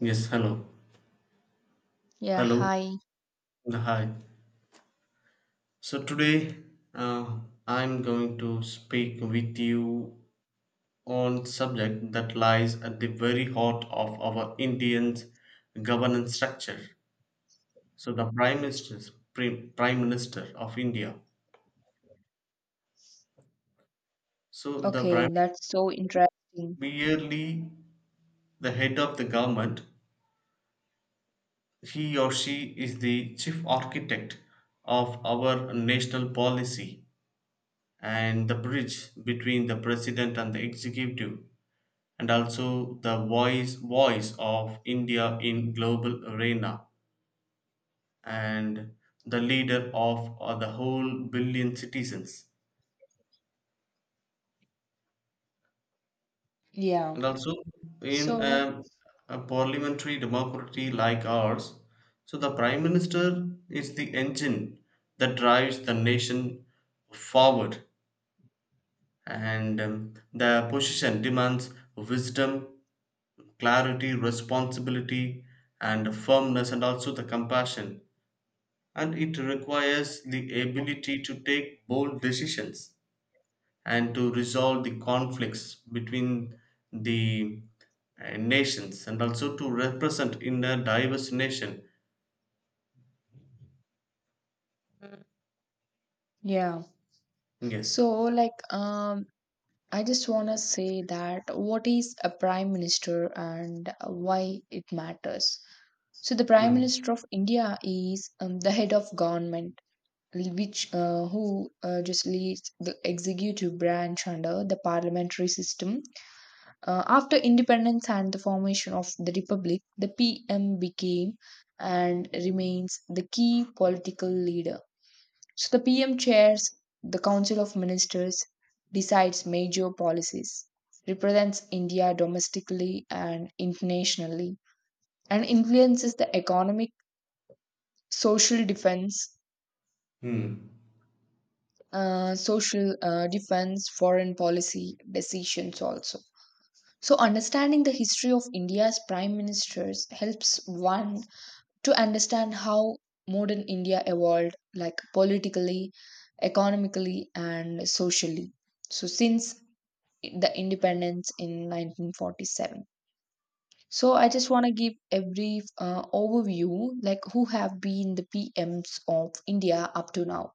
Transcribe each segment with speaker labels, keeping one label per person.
Speaker 1: Yes, hello.
Speaker 2: Yeah,
Speaker 1: Hello.
Speaker 2: hi.
Speaker 1: Hi. So today uh, I'm going to speak with you on subject that lies at the very heart of our Indian's governance structure. So the Prime Minister, Prime Minister of India. So the
Speaker 2: Okay,
Speaker 1: Prime
Speaker 2: that's so interesting.
Speaker 1: merely the head of the government. He or she is the chief architect of our national policy and the bridge between the president and the executive and also the voice of India in global arena and the leader of the whole billion citizens
Speaker 2: Yeah.
Speaker 1: and also in
Speaker 2: So,
Speaker 1: a parliamentary democracy like ours. So the Prime Minister is the engine that drives the nation forward and the position demands wisdom, clarity, responsibility, and firmness, and also the compassion. And it requires the ability to take bold decisions and to resolve the conflicts between the nations and also to represent in a diverse nation.
Speaker 2: yeah.
Speaker 1: Yes.
Speaker 2: So, like, I just want to say that what is a prime minister and why it matters. So, the prime
Speaker 1: Hmm.
Speaker 2: minister of India is the head of government, which who just leads the executive branch under the parliamentary system. After independence and the formation of the republic, the PM became and remains the key political leader. So the PM chairs the Council of Ministers, decides major policies, represents India domestically and internationally, and influences the economic, social defense,
Speaker 1: Hmm.
Speaker 2: social defense, foreign policy decisions also. So, understanding the history of India's prime ministers helps one to understand how modern India evolved, like politically, economically, and socially. So, since the independence in 1947. So, I just want to give a brief overview, like who have been the PMs of India up to now.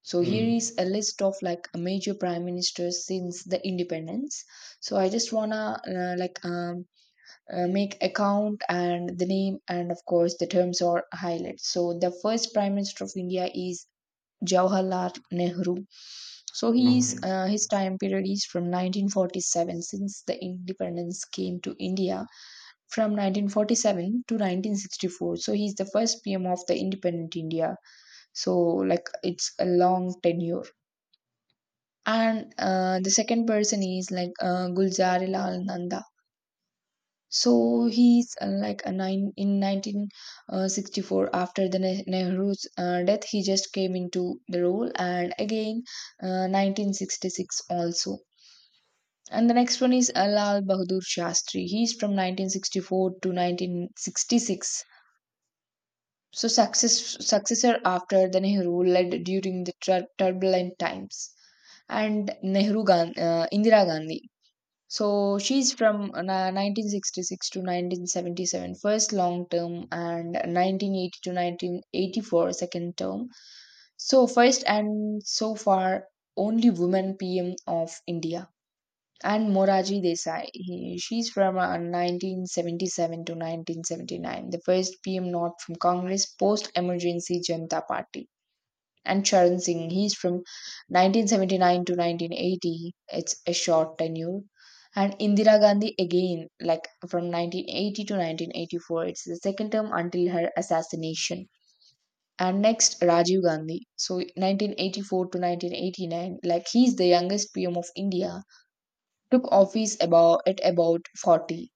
Speaker 2: So, here
Speaker 1: Hmm.
Speaker 2: is a list of like major prime ministers since the independence. So, I just want to uh, like um, make account and the name, and of course the terms are highlighted. So the first prime minister of India is Jawaharlal Nehru. So he's
Speaker 1: Okay.
Speaker 2: his time period is from 1947, since the independence came to India, from 1947 to 1964. So he's the first PM of the independent India, so like it's a long tenure. And the second person is like Gulzari Lal. So he's like a nine in 1964. After the Nehru's death, he just came into the role, and again 1966 also. And the next one is Lal Bahadur Shastri. He's from 1964 to 1966. So successor after the Nehru, led during the turbulent times. And Nehru Gan Indira Gandhi. So she's from 1966 to 1977, first long term, and 1980 to 1984, second term. So, first and so far, only woman PM of India. And Moraji Desai, she's from 1977 to 1979, the first PM not from Congress, post emergency Janata Party. And Charan Singh. He's from 1979 to 1980. It's a short tenure. And Indira Gandhi again, like from 1980 to 1984. It's the second term until her assassination. And next, Rajiv Gandhi. So 1984 to 1989, like he's the youngest PM of India, took office about at about 40.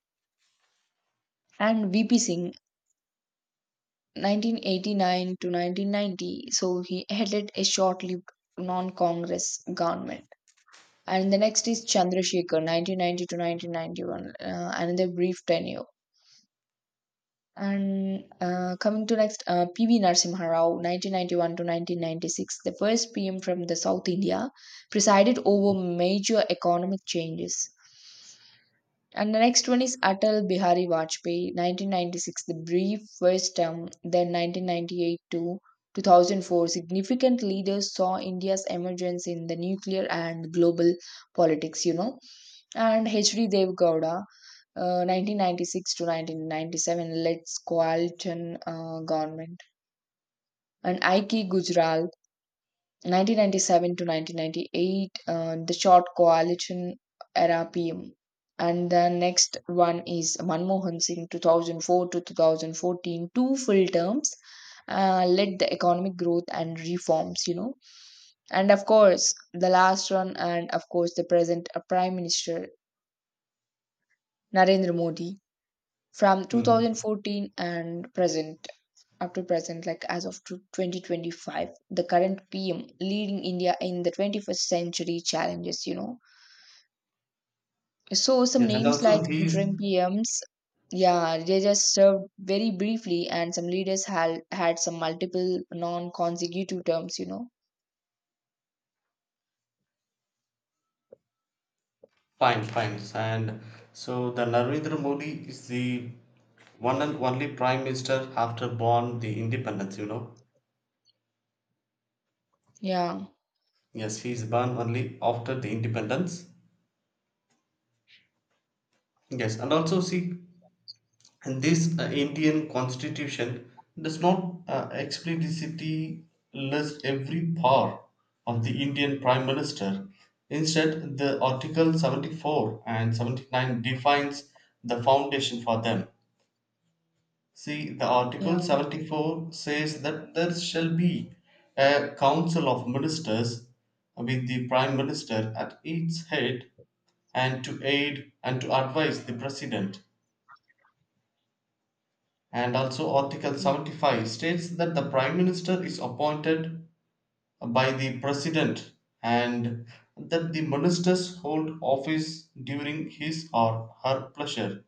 Speaker 2: And VP Singh, 1989 to 1990. So he headed a short-lived non-Congress government. And the next is Chandrasekhar, 1990 to 1991, another brief tenure. And coming to next, P.V. Narasimha Rao, 1991 to 1996, the first PM from the South India, presided over major economic changes. And the next one is Atal Bihari Vajpayee, 1996, the brief first term, then 1998 to 2004. Significant leaders saw India's emergence in the nuclear and global politics. And H.D. Dev Gowda, 1996 to 1997, Let's Coalition Government, and Aiki Gujral, 1997 to 1998, The Short Coalition Era PM. And the next one is Manmohan Singh, 2004 to 2014, two full terms, led the economic growth and reforms. And of course, the last one, and of course, the present Prime Minister Narendra Modi, from
Speaker 1: Hmm.
Speaker 2: 2014 and present up to present, like as of to 2025, the current PM leading India in the 21st century challenges. So some
Speaker 1: Yes, and
Speaker 2: names
Speaker 1: also
Speaker 2: like
Speaker 1: he's.
Speaker 2: interim PMs, yeah, they just served very briefly, and some leaders had had some multiple non-consecutive terms.
Speaker 1: Fine, fine. And so the Narendra Modi is the one and only Prime Minister after born the independence.
Speaker 2: Yeah,
Speaker 1: Yes, he is born only after the independence. Yes, and also see, and this Indian constitution does not explicitly list every power of the Indian Prime Minister. Instead, the Article 74 and 79 defines the foundation for them. See, the Article
Speaker 2: yeah,
Speaker 1: 74 says that there shall be a Council of Ministers with the Prime Minister at its head and to aid and to advise the President. And also, Article
Speaker 2: yeah.
Speaker 1: 75 states that the Prime Minister is appointed by the President and that the ministers hold office during his or her pleasure.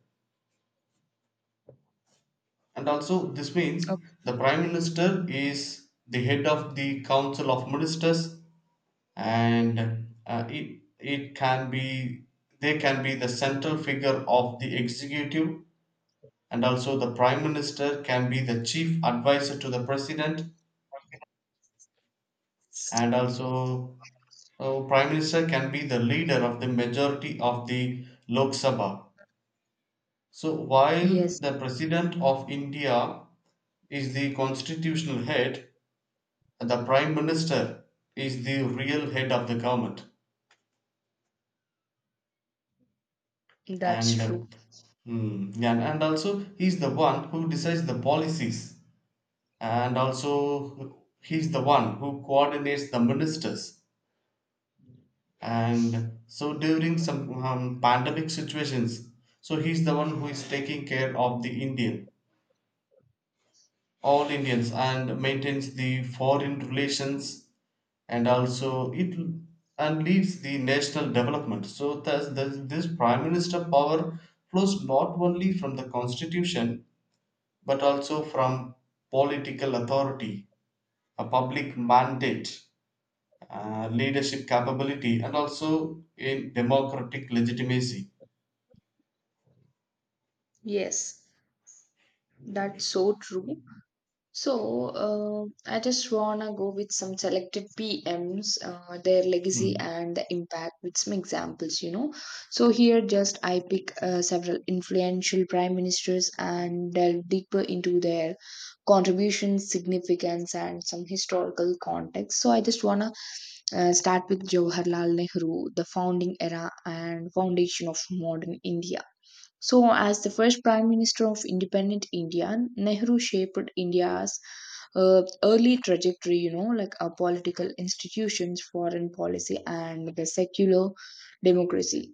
Speaker 1: And also this means
Speaker 2: Okay.
Speaker 1: the Prime Minister is the head of the Council of Ministers, and it it can be they can be the central figure of the executive, and also the Prime Minister can be the chief advisor to the President, and also Prime Minister can be the leader of the majority of the Lok Sabha. So while
Speaker 2: Yes.
Speaker 1: the President of India is the constitutional head, the Prime Minister is the real head of the government.
Speaker 2: That's
Speaker 1: and uh,
Speaker 2: true.
Speaker 1: mm, yeah, and also he's the one who decides the policies, and also he's the one who coordinates the ministers, and so during some pandemic situations, so he's the one who is taking care of the Indian all Indians and maintains the foreign relations and also it and leads the national development. So thus this Prime Minister power flows not only from the constitution but also from political authority, a public mandate, leadership capability, and also in democratic legitimacy.
Speaker 2: Yes, that's so true. So, I just wanna go with some selected PMs, their legacy
Speaker 1: Hmm.
Speaker 2: and the impact with some examples. So, here just I pick several influential prime ministers and delve deeper into their contributions, significance, and some historical context. So, I just wanna start with Jawaharlal Nehru, the founding era and foundation of modern India. So, as the first Prime Minister of independent India, Nehru shaped India's early trajectory, like our political institutions, foreign policy, and the secular democracy.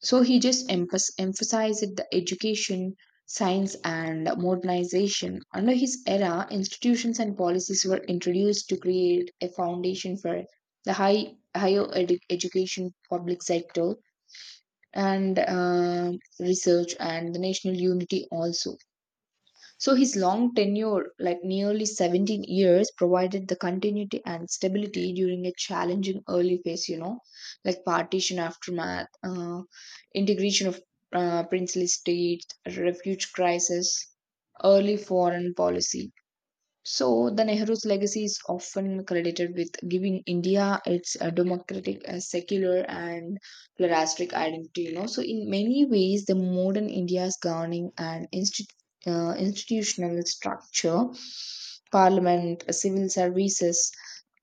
Speaker 2: So he just emphasized the education, science, and modernization. Under his era, institutions and policies were introduced to create a foundation for the higher education public sector, and research and the national unity also. So his long tenure, like nearly 17 years, provided the continuity and stability during a challenging early phase, like partition aftermath, integration of princely states, refuge crisis, early foreign policy. So, the Nehru's legacy is often credited with giving India its democratic, secular, and pluralistic identity. So in many ways, the modern India's governing and institutional structure, parliament, civil services,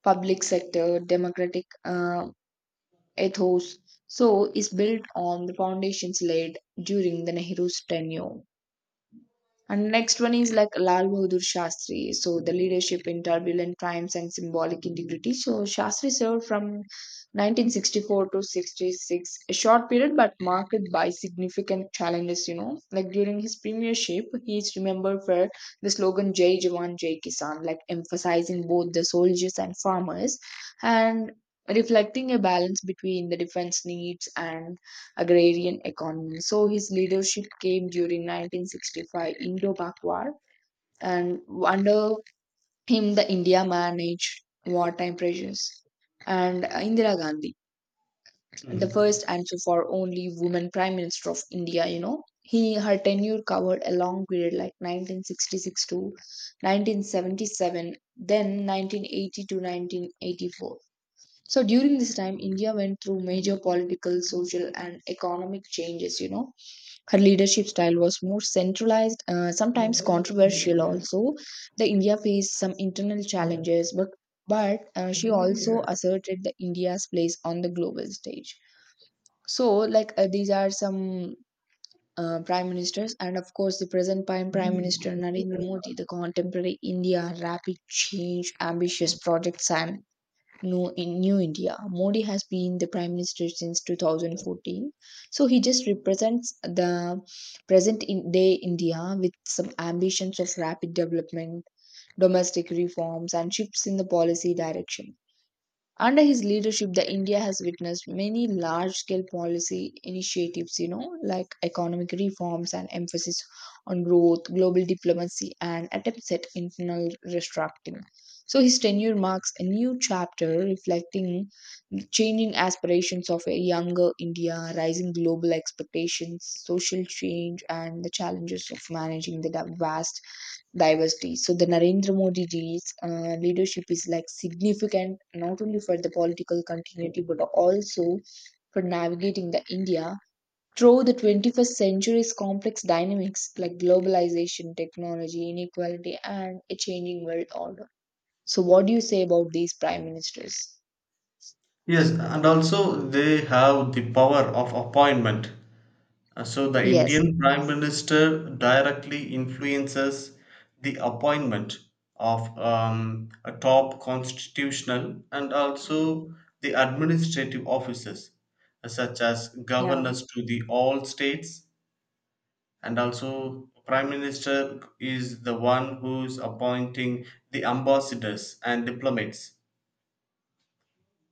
Speaker 2: public sector, democratic ethos, so is built on the foundations laid during the Nehru's tenure. And next one is like Lal Bahadur Shastri. So the leadership in turbulent times and symbolic integrity. So Shastri served from 1964 to 66, a short period but marked by significant challenges. Like during his premiership, he is remembered for the slogan Jai Jawan, Jai Kisan, like emphasizing both the soldiers and farmers, and reflecting a balance between the defense needs and agrarian economy. So his leadership came during 1965 Indo-Pak War, and under him, the India managed wartime pressures. And Indira Gandhi, the
Speaker 1: Hmm.
Speaker 2: first and so far only woman prime minister of India, he her tenure covered a long period, like 1966 to 1977, then 1980 to 1984. So during this time, India went through major political, social, and economic changes. Her leadership style was more centralized, sometimes controversial also. The India faced some internal challenges, but she also asserted the India's place on the global stage. So, like, these are some prime ministers, and of course, the present prime minister Narendra Modi, the contemporary India, rapid change, ambitious projects, and New India. Modi has been the Prime Minister since 2014. So he just represents the present in day India with some ambitions of rapid development, domestic reforms, and shifts in the policy direction. Under his leadership, the India has witnessed many large scale policy initiatives, you know, like economic reforms and emphasis on growth, global diplomacy, and attempts at internal restructuring. So his tenure marks a new chapter reflecting the changing aspirations of a younger India, rising global expectations, social change, and the challenges of managing the vast diversity. So the Narendra Modi ji's leadership is like significant, not only for the political continuity but also for navigating the India through the 21st century's complex dynamics, like globalization, technology, inequality, and a changing world order. So, what do you say about these prime ministers?
Speaker 1: Yes, and also they have the power of appointment. So the
Speaker 2: Yes.
Speaker 1: Indian Prime Minister directly influences the appointment of a top constitutional and also the administrative offices, such as
Speaker 2: Yeah.
Speaker 1: governors to the all states, and also Prime Minister is the one who's appointing the ambassadors and diplomats,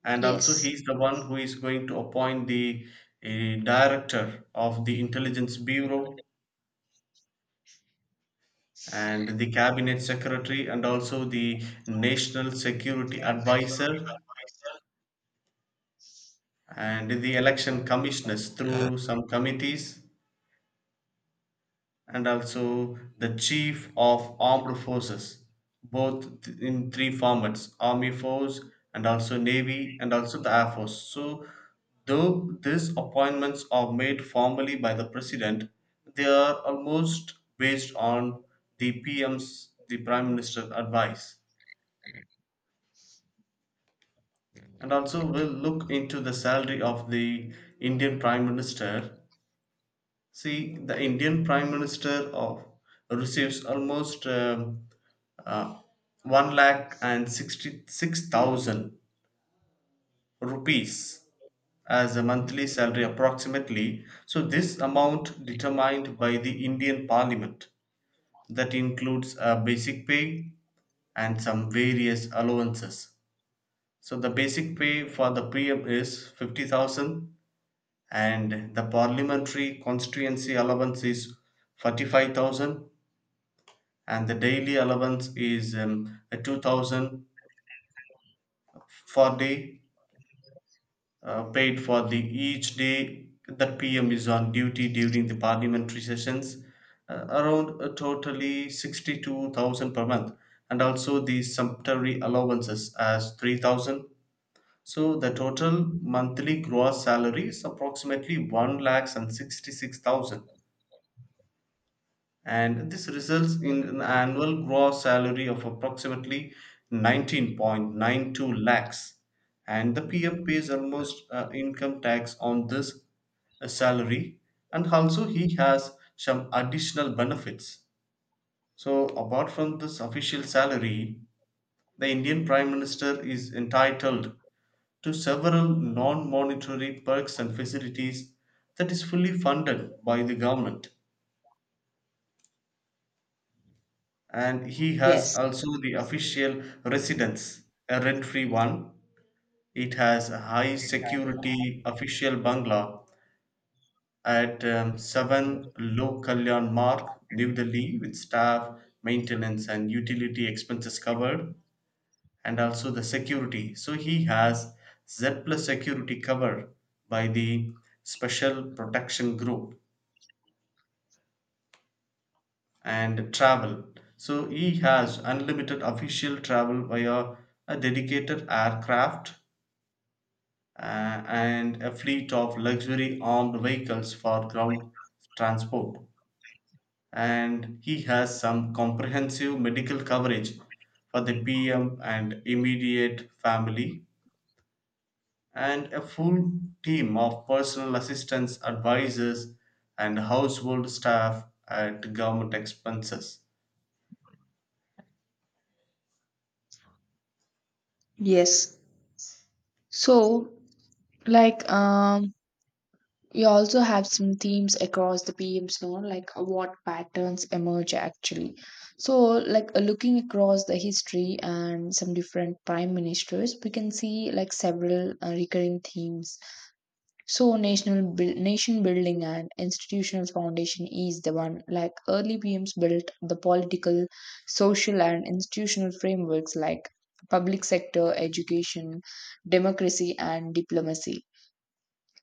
Speaker 1: and also he's
Speaker 2: Yes.
Speaker 1: the one who is going to appoint the uh, director of the intelligence bureau and the cabinet secretary and also the national security advisor and the election commissioners through some committees and also the chief of armed forces, both in three formats army force and also navy and also the air force. So though these appointments are made formally by the President, they are almost based on the Prime Minister advice. And also we will look into the salary of the Indian Prime Minister. See, the Indian Prime Minister of receives almost uh, 1 lakh and 66,000 rupees as a monthly salary approximately. So this amount determined by the Indian Parliament that includes a basic pay and some various allowances. So the basic pay for the PM is 50,000 and the parliamentary constituency allowance is 45,000 and the daily allowance is 2000 for day paid for the each day that PM is on duty during the parliamentary sessions, around totally 62,000 per month, and also the sumptuary allowances as 3000. So the total monthly gross salary is approximately 1 lakhs and 66,000, and this results in an annual gross salary of approximately 19.92 lakhs, and the pf pays almost income tax on this salary. And also he has some additional benefits. So apart from this official salary, the Indian Prime Minister is entitled to several non monetary perks and facilities that is fully funded by the government. And he has
Speaker 2: Yes.
Speaker 1: also the official residence, a rent-free one. It has a high security official bungalow at 7 Low Kalyan Mark, New Delhi, with staff, maintenance, and utility expenses covered, and also the security. So he has Z plus security covered by the Special Protection Group. And travel. So he has unlimited official travel via a dedicated aircraft and a fleet of luxury armed vehicles for ground transport. And he has some comprehensive medical coverage for the PM and immediate family, and a full team of personal assistants, advisors, and household staff at government expenses.
Speaker 2: Yes. So, like, you also have some themes across the PMs, know, like what patterns emerge actually. So, like looking across the history and some different prime ministers, we can see like several recurring themes. So, nation building and institutional foundation is the one. Like early PMs built the political, social, and institutional frameworks like public sector, education, democracy, and diplomacy.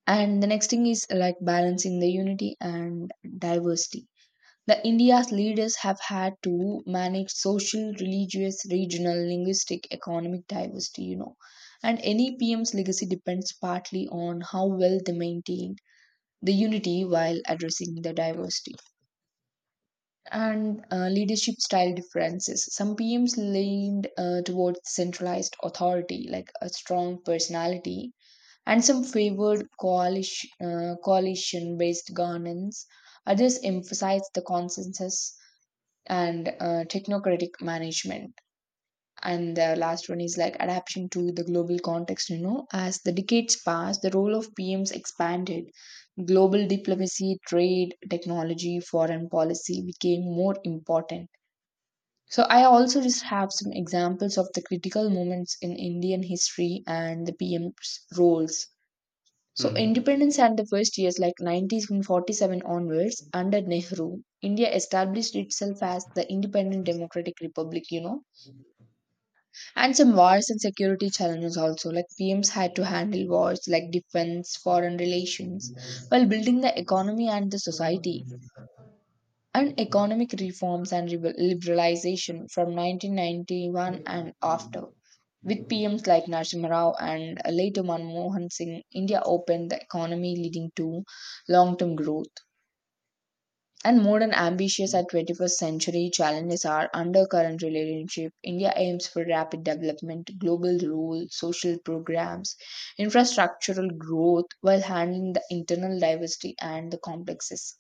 Speaker 2: And the next thing is like balancing the unity and diversity. The India's leaders have had to manage social, religious, regional, linguistic, economic diversity. And any PM's legacy depends partly on how well they maintain the unity while addressing the diversity. And leadership style differences. Some PMs leaned towards centralized authority, like a strong personality, and some favored coalition-based governance. Others emphasize the consensus and technocratic management. And the last one is like adaptation to the global context. As the decades passed, the role of PMs expanded. Global diplomacy, trade, technology, foreign policy became more important. So I also just have some examples of the critical moments in Indian history and the PM's roles. So,
Speaker 1: Hmm.
Speaker 2: independence and the first years, like 1947 onwards, under Nehru, India established itself as the independent democratic republic. And some wars and security challenges also, like PMs had to handle wars like defense, foreign relations, while building the economy and the society. And economic reforms and liberalization from 1991 and after. With PMs like Narasimha Rao and later Manmohan Singh, India opened the economy, leading to long term growth. And modern ambitions at 21st century challenges are undercurrent relationship. India aims for rapid development, global rule, social programs, infrastructural growth, while handling the internal diversity and the complexes.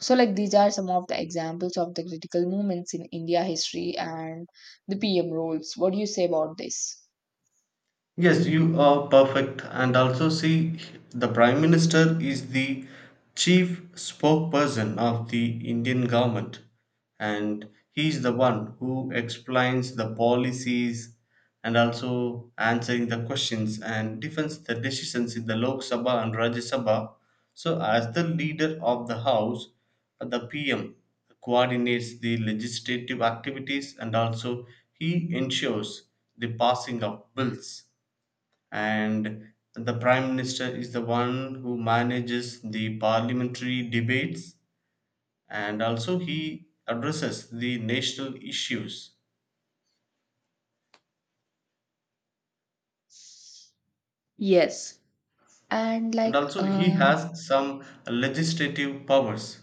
Speaker 2: So, like, these are some of the examples of the critical moments in India history and the PM roles. What do you say about this?
Speaker 1: Yes, you are perfect. And also, see, the Prime Minister is the chief spokesperson of the Indian government, and he is the one who explains the policies and also answering the questions and defends the decisions in the Lok Sabha and Rajya Sabha. So, as the leader of the House, the PM coordinates the legislative activities, and also he ensures the passing of bills, and the Prime Minister is the one who manages the parliamentary debates and also he addresses the national issues.
Speaker 2: Yes. And
Speaker 1: And
Speaker 2: like,
Speaker 1: also he has some legislative powers.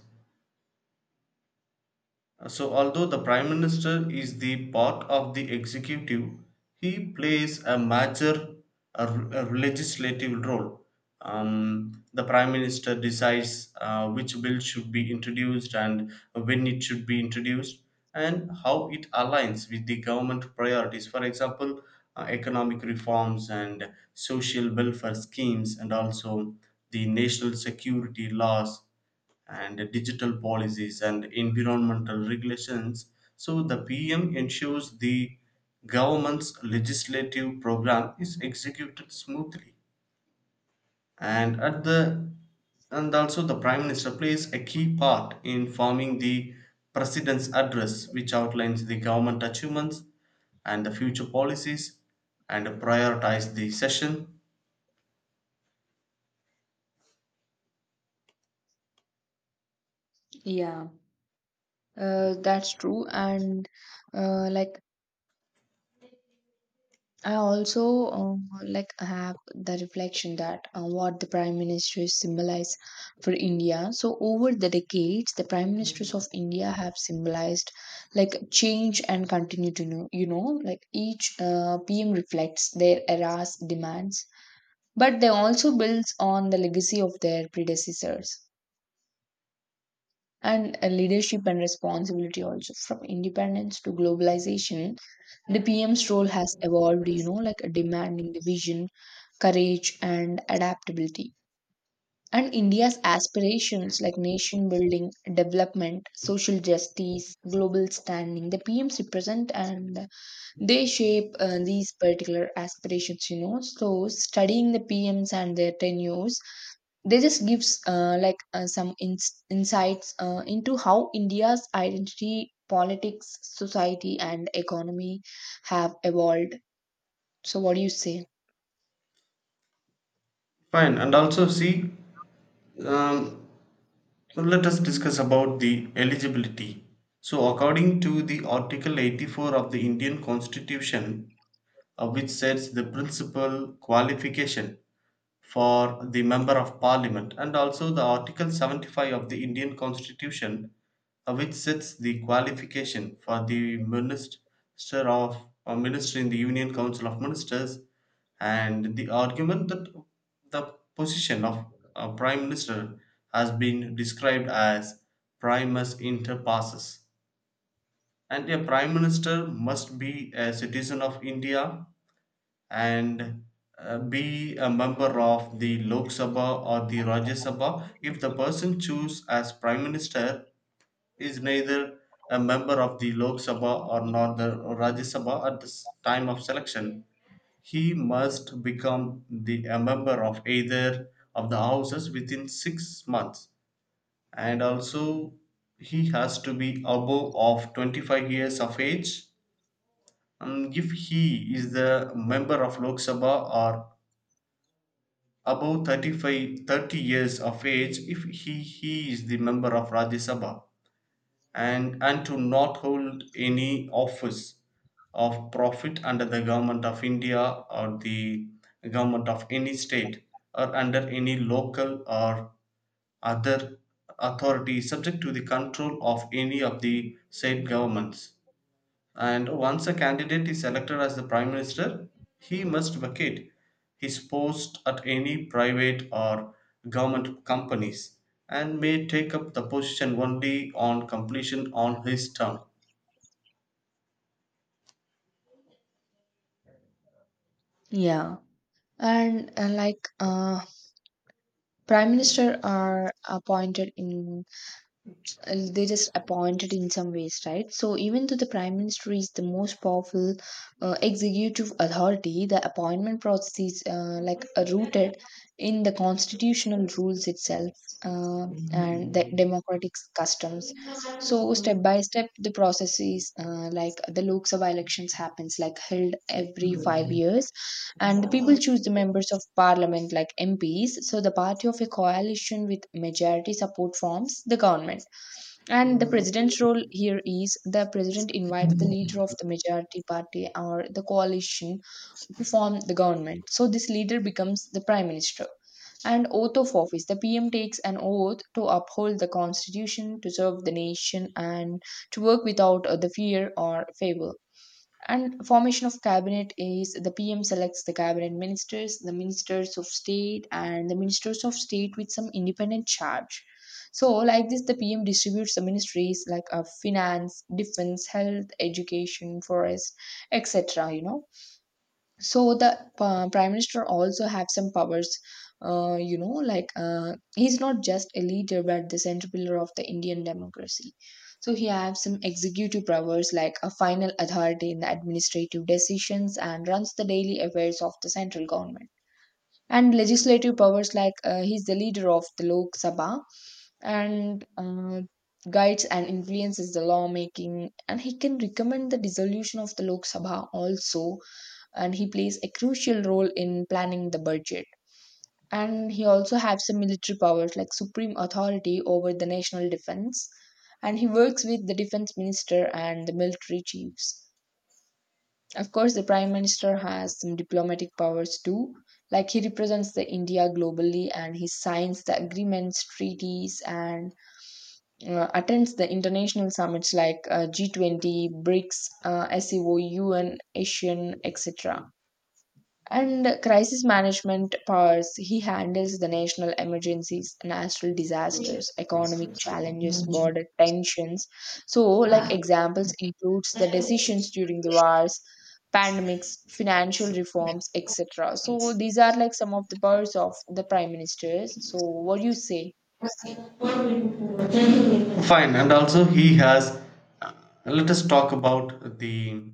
Speaker 1: So, although the Prime Minister is the part of the executive, he plays a major a legislative role. The Prime Minister decides which bill should be introduced and when it should be introduced and how it aligns with the government priorities. For example, economic reforms and social welfare schemes, and also the national security laws and digital policies and environmental regulations. So the PM ensures the government's legislative program is executed smoothly. And at the and also the Prime Minister plays a key part in forming the President's address, which outlines the government achievements and the future policies and prioritize the session.
Speaker 2: yeah, that's true. And like, I also like have the reflection that what the prime ministers symbolize for India. So over the decades, the prime ministers of India have symbolized like change and continue to know. You know, like each PM reflects their era's demands, but they also builds on the legacy of their predecessors. And Leadership and responsibility also, from independence to globalization the PM's role has evolved, demanding the vision, courage and adaptability, and India's aspirations like nation building, development, social justice, global standing, the PMs represent and they shape these particular aspirations. So studying the PMs and their tenures, they just gives some insights into how India's identity, politics, society and economy have evolved. So what do you say?
Speaker 1: Fine, and also see. Um, Now let us discuss about the eligibility. So according to the Article 84 of the Indian Constitution, which sets the principal qualification for the member of parliament, and also the Article 75 of the Indian Constitution, which sets the qualification for the minister of or minister in the Union Council of Ministers, and the argument that the position of a Prime Minister has been described as primus inter pares, and a Prime Minister must be a citizen of India and be a member of the Lok Sabha or the Rajya Sabha. If the person choose as Prime Minister is neither a member of the Lok Sabha or not the Rajya Sabha at the time of selection, he must become the a member of either of the houses within 6 months. And also he has to be above of 25 years of age, if he is the member of Lok Sabha, or above 30 years of age if he is the member of Rajya Sabha, and to not hold any office of profit under the government of India or the government of any state or under any local or other authority subject to the control of any of the said governments. And once a candidate is elected as the Prime Minister, he must vacate his post at any private or government companies and may take up the position only on completion on his term.
Speaker 2: Yeah, and prime minister are appointed in, they just appointed in some ways, right? So even though the prime minister is the most powerful executive authority, the appointment process is, rooted in the constitutional rules itself, uh, and the democratic customs. So step by step, the process is, like the Lok Sabha elections happens, like held every 5 years, and the people choose the members of parliament like MPs. So the party of a coalition with majority support forms the government. And the president's role here is the president invites the leader of the majority party or the coalition to form the government. So this leader becomes the prime minister. And oath of office. The PM takes an oath to uphold the constitution, to serve the nation, and to work without the fear or favor. And formation of cabinet is the PM selects the cabinet ministers, the ministers of state, and the ministers of state with some independent charge. So like this, the PM distributes the ministries like, finance, defense, health, education, forest, etc., you know. So the prime minister also have some powers, he's not just a leader but the center pillar of the Indian democracy. So he has some executive powers like a final authority in the administrative decisions and runs the daily affairs of the central government. And legislative powers, like he's the leader of the Lok Sabha and guides and influences the lawmaking, and he can recommend the dissolution of the Lok Sabha also. And he plays a crucial role in planning the budget. And he also has some military powers like supreme authority over the national defense. And he works with the defense minister and the military chiefs. Of course, the prime minister has some diplomatic powers too. Like he represents the India globally, and he signs the agreements, treaties, and attends the international summits like G20, BRICS, SEO, UN, ASEAN, etc. And crisis management powers, he handles the national emergencies, natural disasters, economic challenges, border tensions. So like examples includes the decisions during the wars, pandemics, financial reforms, etc. So these are like some of the powers of the prime ministers. So what do you say?
Speaker 1: Fine, and also he has. uh, Let us talk about the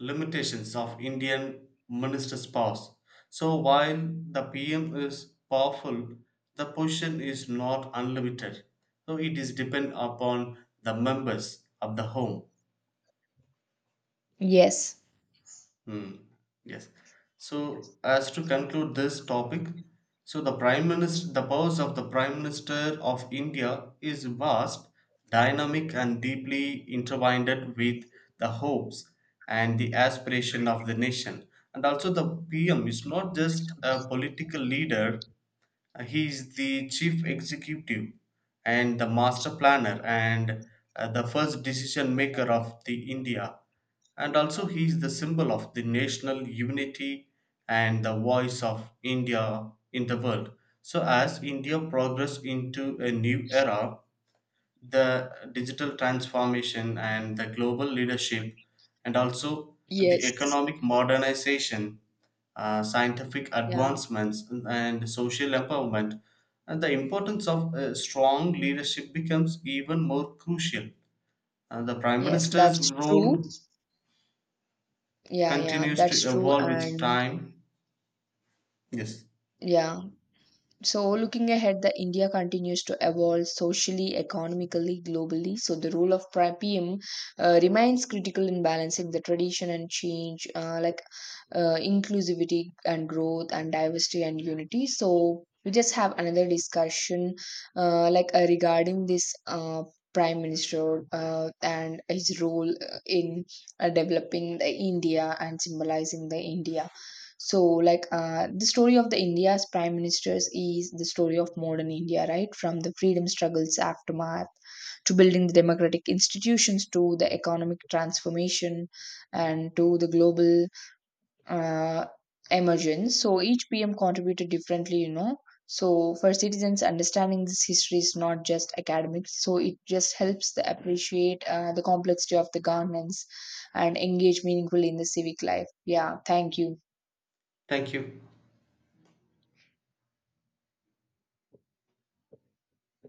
Speaker 1: limitations of Indian minister's powers. So while the PM is powerful, the position is not unlimited. So it is depend upon the members of the home.
Speaker 2: Yes.
Speaker 1: Hmm. Yes. So, as to conclude this topic, so the Prime Minister, the powers of the Prime Minister of India is vast, dynamic, and deeply intertwined with the hopes and the aspiration of the nation. And also, the PM is not just a political leader. He is the chief executive and the master planner and the first decision maker of the India. And also he is the symbol of the national unity and the voice of India in the world. So as India progress into a new era, the digital transformation and the global leadership, and also the
Speaker 2: Yes.
Speaker 1: economic modernization, scientific
Speaker 2: Yeah.
Speaker 1: advancements, and social empowerment. And the importance of strong leadership becomes even more crucial. The Prime
Speaker 2: Yes,
Speaker 1: Minister's
Speaker 2: that's true.
Speaker 1: role
Speaker 2: Yeah, yeah,
Speaker 1: continues to
Speaker 2: that's true.
Speaker 1: evolve with
Speaker 2: And
Speaker 1: time. Yes,
Speaker 2: yeah, so, looking ahead, the India continues to evolve socially, economically, globally. So the role of PM remains critical in balancing the tradition and change, inclusivity and growth, and diversity and unity. So we just have another discussion, regarding this prime minister and his role in developing the India and symbolizing the India. So, like, the story of the India's prime ministers is the story of modern India, right? From the freedom struggles aftermath to building the democratic institutions, to the economic transformation, and to the global uh, emergence. So each PM contributed differently, you know. So for citizens, understanding this history is not just academic. So it just helps the appreciate the complexity of the governance and engage meaningfully in the civic life. Yeah, thank you.
Speaker 1: thank you.